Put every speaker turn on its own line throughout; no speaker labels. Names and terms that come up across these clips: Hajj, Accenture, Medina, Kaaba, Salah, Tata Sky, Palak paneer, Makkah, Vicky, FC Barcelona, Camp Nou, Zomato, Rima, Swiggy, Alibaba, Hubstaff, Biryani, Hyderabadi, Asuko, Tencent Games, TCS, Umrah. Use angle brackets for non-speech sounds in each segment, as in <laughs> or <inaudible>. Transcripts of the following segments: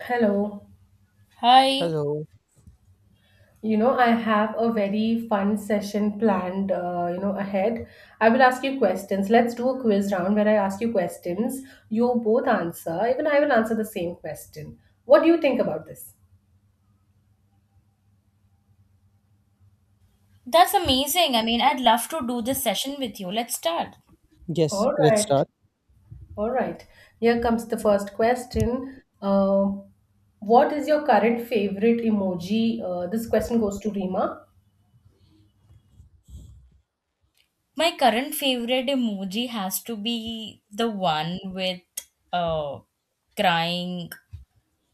Hello.
Hi,
Hello.
I have a very fun session planned, ahead. I will ask you questions. Let's do a quiz round where I ask you questions. You both answer. Even I will answer the same question. What do you think about this?
that's amazing. I mean, I'd love to do this session with you. Let's start.
Yes,
All
let's
right.
start.
All right. Here comes the first question. What is your current favorite emoji? This question goes to Rima.
My current favorite emoji has to be the one with uh crying.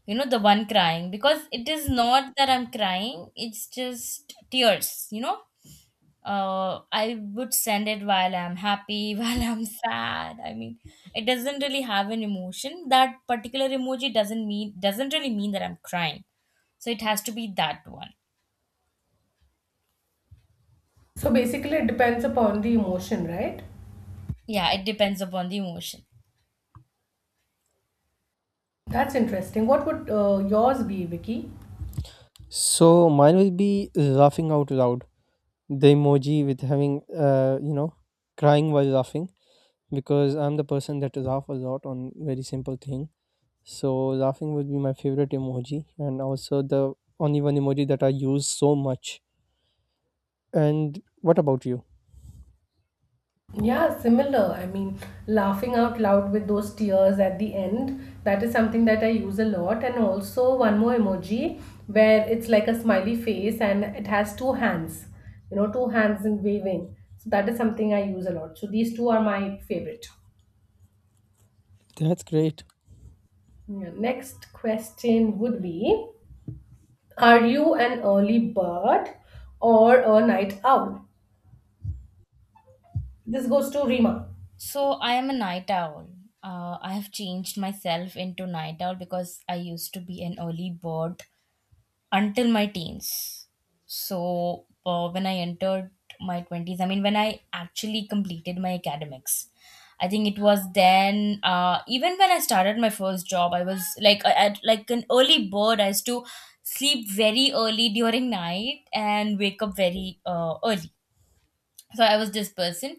You know, the one crying because it is not that I'm crying, it's just tears, I would send it while I'm happy, <laughs> while I'm sad. I mean, it doesn't really have an emotion. That particular emoji doesn't really mean that I'm crying. So it has to be that one.
So basically, it depends upon the emotion, right?
Yeah, it depends upon the emotion.
That's interesting. What would yours be, Vicky?
So mine will be laughing out loud. The emoji with having uh you know crying while laughing, because I'm the person that laugh a lot on very simple thing. So laughing would be my favorite emoji, and also the only one emoji that I use so much. And what about you?
Yeah, similar. Laughing out loud with those tears at the end, that is something that I use a lot. And also, one more emoji where it's like a smiley face and it has two hands, two hands in waving. So, that is something I use a lot. So, these two are my favorite.
That's great.
Yeah, next question would be, are you an early bird or a night owl? This goes to Rima.
So I am a night owl. I have changed myself into night owl because I used to be an early bird until my teens. So when I entered my 20s, I mean, when I actually completed my academics, I think it was then, even when I started my first job, I was like, like an early bird. I used to sleep very early during night and wake up very early. So I was this person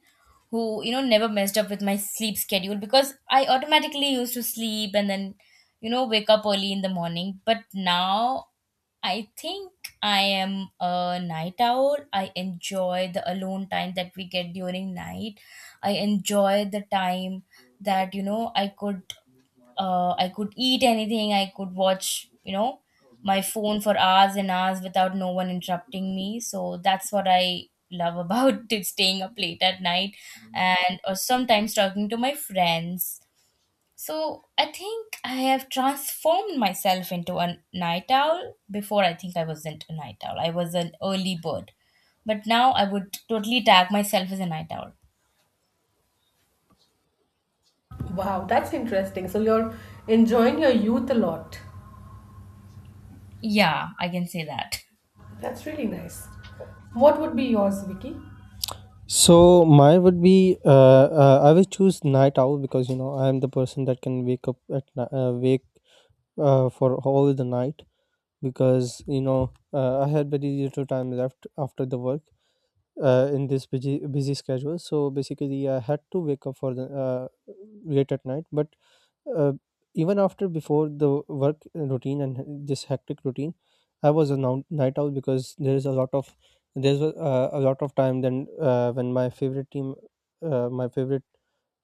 who, you know, never messed up with my sleep schedule because I automatically used to sleep and then, you know, wake up early in the morning. But now I think I am a night owl. I enjoy the alone time that we get during night. I enjoy the time that, you know, I could eat anything. I could watch, you know, my phone for hours and hours without no one interrupting me. So that's what I love about <laughs> it, staying up late at night and or sometimes talking to my friends. So I think I have transformed myself into a night owl. Before, I think I wasn't a night owl. I was an early bird. But now I would totally tag myself as a night owl.
Wow, that's interesting. So, you're enjoying your youth a lot.
Yeah, I can say that.
That's really nice. What would be yours, Vicky?
So mine would be I will choose night owl, because I am the person that can wake up wake for all the night, because I had very little time left after the work, in this busy, busy schedule. So basically, I had to wake up for the late at night. But uh, even after before the work routine and this hectic routine, I was a night owl, because there's a lot of time, then when my favorite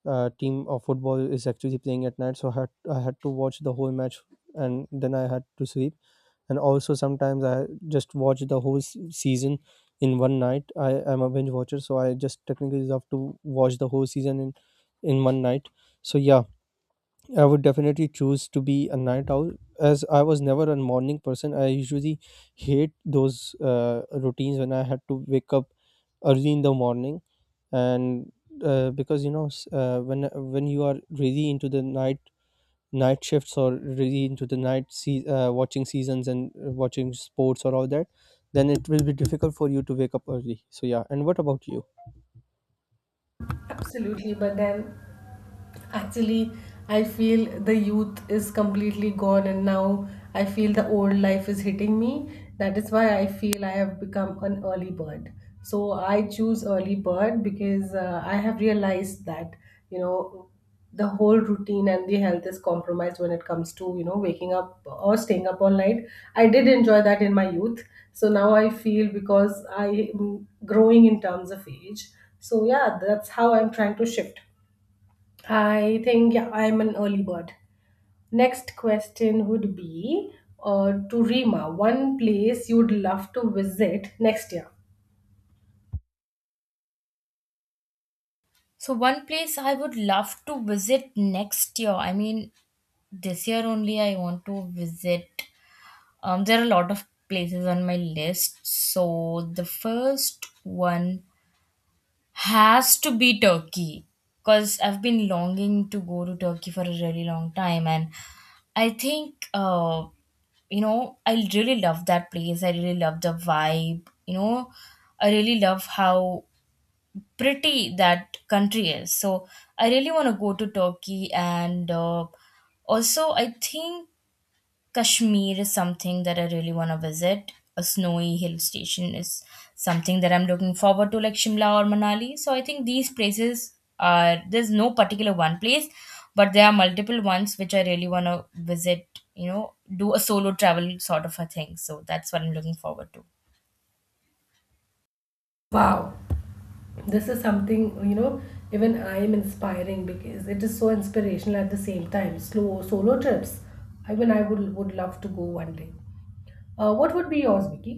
team of football is actually playing at night. So I had to watch the whole match, and then I had to sleep. And also, sometimes I just watch the whole season in one night. I am a binge watcher, so I just technically love to watch the whole season in one night. So yeah, I would definitely choose to be a night owl, as I was never a morning person. I usually hate those routines when I had to wake up early in the morning. And because when you are really into the night shifts, or really into the night, sea watching seasons, and watching sports, or all that, then it will be difficult for you to wake up early. So yeah, and what about you?
Absolutely, but then actually, I feel the youth is completely gone, and now I feel the old life is hitting me. That is why I feel I have become an early bird. So I choose early bird because I have realized that, you know, the whole routine and the health is compromised when it comes to waking up or staying up all night. I did enjoy that in my youth, so now I feel because I am growing in terms of age. So yeah, that's how I'm trying to shift. I think yeah, I'm an early bird. Next question would be, to Rima, one place you'd love to visit next year.
So one place I would love to visit next year. I mean, this year only I want to visit. There are a lot of places on my list. So the first one has to be Turkey because I've been longing to go to Turkey for a really long time, and I think you know, I really love that place. I really love the vibe. You know, I really love how pretty that country is. So I really want to go to Turkey, and also I think Kashmir is something that I really want to visit. A snowy hill station is something that I'm looking forward to, like Shimla or Manali. So I think these places are, there's no particular one place, but there are multiple ones which I really want to visit. You know, do a solo travel sort of a thing. So that's what I'm looking forward to.
Wow. This is something, you know even I am inspiring because it is so inspirational. At the same time, slow solo trips, even I would love to go one day. What would be yours, Vicky?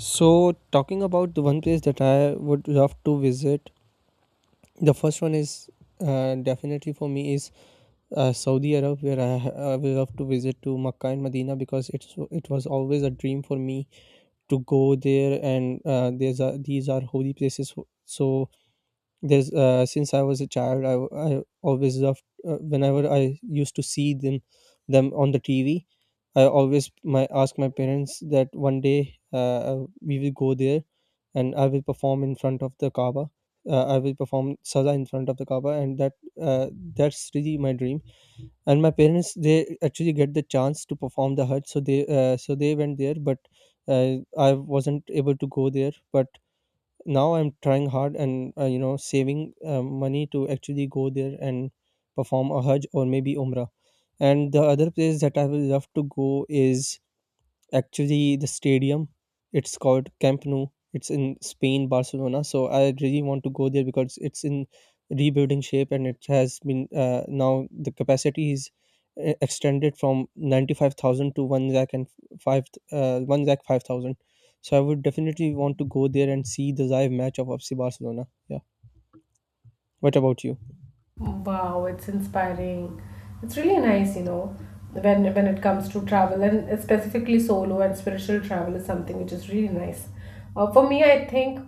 So, talking about the one place that I would love to visit, the first one is definitely for me is Saudi Arab, where I would love to visit to Makkah and Medina, because it was always a dream for me to go there. And these are holy places, so there's since I was a child, I always loved, whenever I used to see them on the TV. I always my ask my parents that one day we will go there, and I will perform in front of the kaaba. I will perform salah in front of the kaaba, and uh, that's really my dream. And my parents, they actually get the chance to perform the hajj, so they went there. But uh, I wasn't able to go there, but now I'm trying hard, and saving money to actually go there and perform a hajj or maybe umrah. And the other place that I would love to go is, actually, the stadium. It's called Camp Nou. It's in Spain, Barcelona. So I really want to go there, because it's in rebuilding shape, and it has been, now the capacity is extended from 95,000 to 1 lakh and 5, 1 lakh 5,000. So I would definitely want to go there and see the live match of FC Barcelona. Yeah. What about you?
Wow, it's inspiring. It's really nice, you know, when it comes to travel and specifically solo and spiritual travel is something which is really nice. For me I think,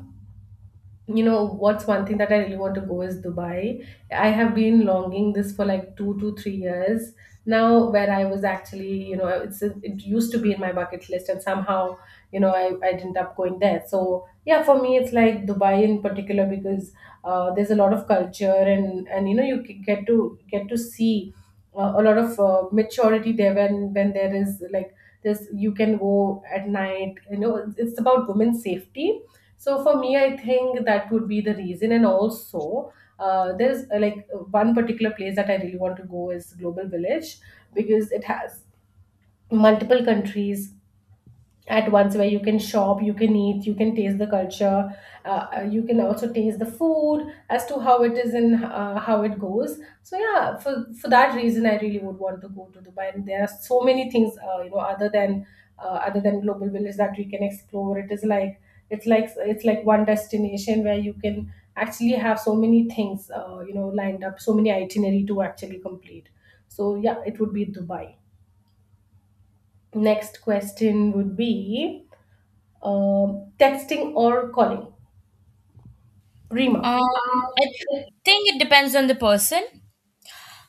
what's one thing that I really want to go is Dubai. I have been longing this for like 2 to 3 years now, where I was actually, you know, it's it used to be in my bucket list and somehow, I ended up going there. So yeah, for me it's like Dubai in particular because there's a lot of culture, and you know you get to see a lot of maturity there when there is like this. You can go at night, you know, it's about women's safety. So for me I think that would be the reason. And also, there's like one particular place that I really want to go is Global Village, because it has multiple countries at once, where you can shop, you can eat, you can taste the culture, you can also taste the food as to how it is and how it goes. So yeah, for that reason I really would want to go to Dubai. And there are so many things, other than Global Village, that we can explore. It is like it's like one destination where you can actually have so many things, lined up, so many itinerary to actually complete. So yeah, it would be Dubai. Next question would be, texting or calling. Rima.
Um, I think it depends on the person.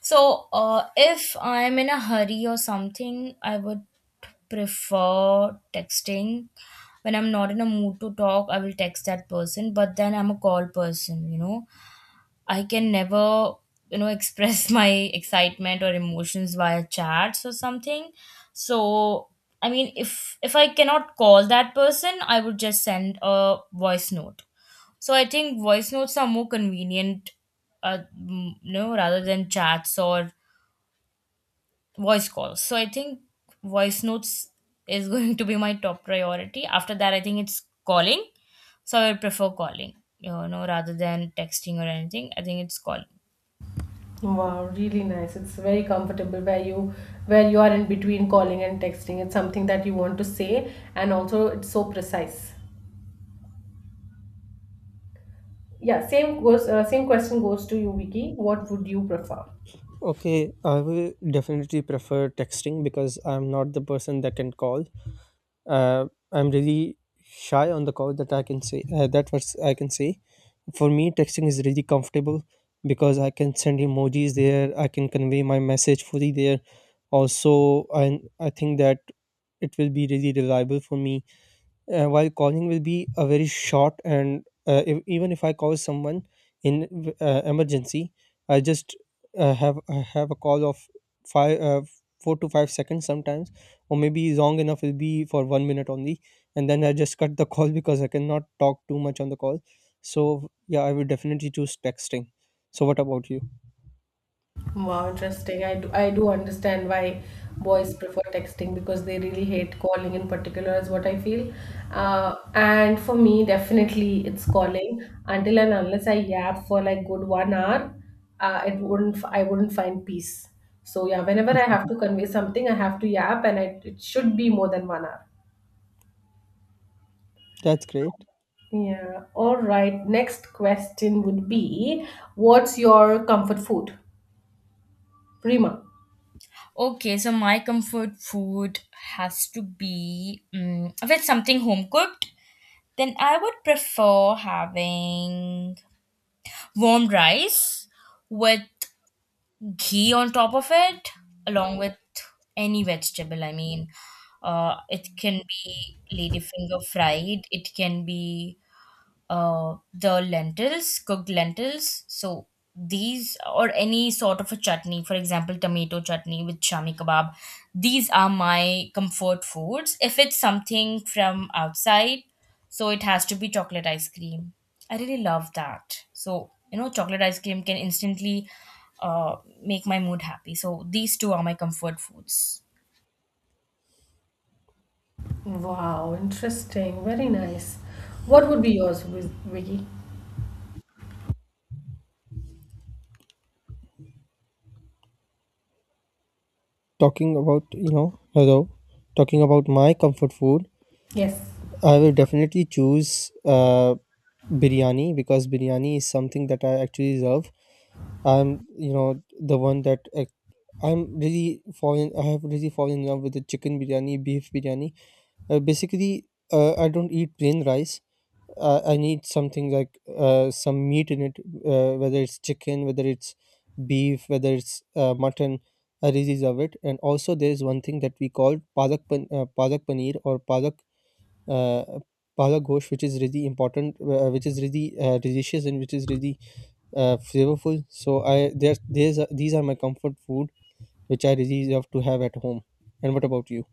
So, if I'm in a hurry or something, I would prefer texting. When I'm not in a mood to talk, I will text that person, but then I'm a call person, you know. I can never, you know, express <laughs> my excitement or emotions via chats or something. So, I mean, if I cannot call that person, I would just send a voice note. So, I think voice notes are more convenient, you know, rather than chats or voice calls. So I think voice notes is <laughs> going to be my top priority. After that, I think it's calling. So I would prefer calling, you know, rather than texting or anything. I think it's calling.
Wow, really nice. It's very comfortable where you are in between calling and texting. It's something that you want to say and also it's so precise. Yeah, same goes. Same question goes to you, Vicky. What would you prefer?
Okay, I will definitely prefer texting, because I'm not the person that can call. uh, I'm really shy on the call, that I can say, that was I can say. For me, texting is really comfortable, because I can send emojis there. I can convey my message fully there. Also, I think that it will be really reliable for me, while calling will be a very short. And if, even if I call someone in emergency, I just have a call of five 4 to 5 seconds sometimes, or maybe long enough will be for 1 minute only. And then I just <laughs> cut the call, because I cannot talk too much on the call. So yeah, I would definitely choose texting. So what about you?
Wow, interesting. I do understand why boys prefer texting because they really hate calling in particular, is what I feel. And for me, definitely it's calling. Until and unless I yap for like good 1 hour, it wouldn't I wouldn't find peace. So yeah, whenever I
Mhm.
have to convey something, I have to yap, and it should be more than 1 hour.
That's great.
Yeah. All right. Next question would be, what's your comfort food? Prima.
Okay, so my comfort food has to be, if it's something home cooked, then I would prefer having warm rice with ghee on top of it along with any vegetable. I mean, it can be ladyfinger fried, it can be, the lentils, cooked lentils. So these or any sort of a chutney, for example, tomato chutney with shami kebab. These are my comfort foods. If it's something from outside, so it has to be chocolate ice cream. I really love that. So, you know, chocolate ice cream can instantly uh, make my mood happy. So these two are my comfort foods.
Wow, interesting. Very nice. What would be yours, Vicky?
Talking about you know Hello. Talking about my comfort food,
Yes.
I will definitely choose biryani, because biryani is something that I actually love. I'm, the one that I'm really fallen. I have really fallen in love with the chicken biryani, beef biryani. Basically, I don't eat plain rice. I need something like some meat in it, whether it's chicken, whether it's beef, whether it's mutton. I really love it. And also, there is one thing that we call palak paneer, or palak uh, Paula Ghosh, which is really important, which is really delicious, and which is really flavorful. So I there, there's are these are my comfort food, which I really love to have at home. And what about you?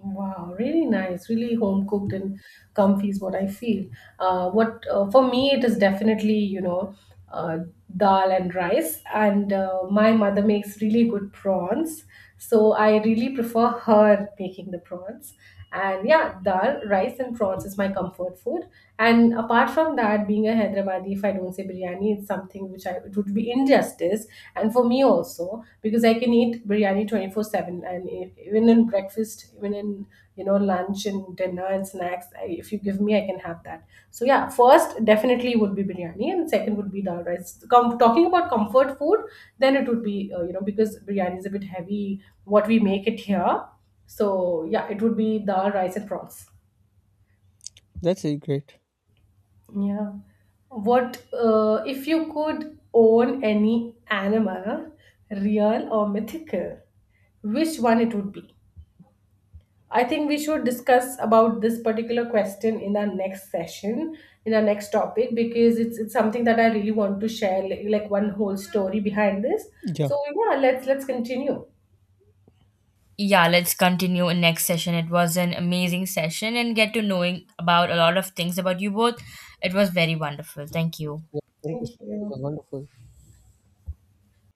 Wow, really nice. Really home cooked and comfy is what I feel. What For me it is definitely, uh, dal and rice, and my mother makes really good prawns, so I really prefer her making the prawns. And yeah, dal, rice, and prawns is my comfort food. And apart from that, being a Hyderabadi, if I don't say biryani, it's something which I it would be injustice. And for me also, because I can eat biryani 24/7, and even in breakfast, even in lunch and dinner and snacks, if you give me, I can have that. So yeah, first definitely would be biryani, and second would be dal rice. Talking about comfort food, then it would be because biryani is a bit heavy, what we make it here. So yeah, it would be dal, rice, and prawns.
That's really great.
Yeah. What if you could own any animal, real or mythical, which one it would be? I think we should discuss about this particular question in our next session, in our next topic, because it's something that I really want to share, like one whole story behind this.
Yeah.
So yeah, let's continue.
Yeah, let's continue in next session. It was an amazing session and get to knowing about a lot of things about you both. It was very wonderful. Thank you.
Yeah, thank you so
Thank
much. It
you.
was wonderful.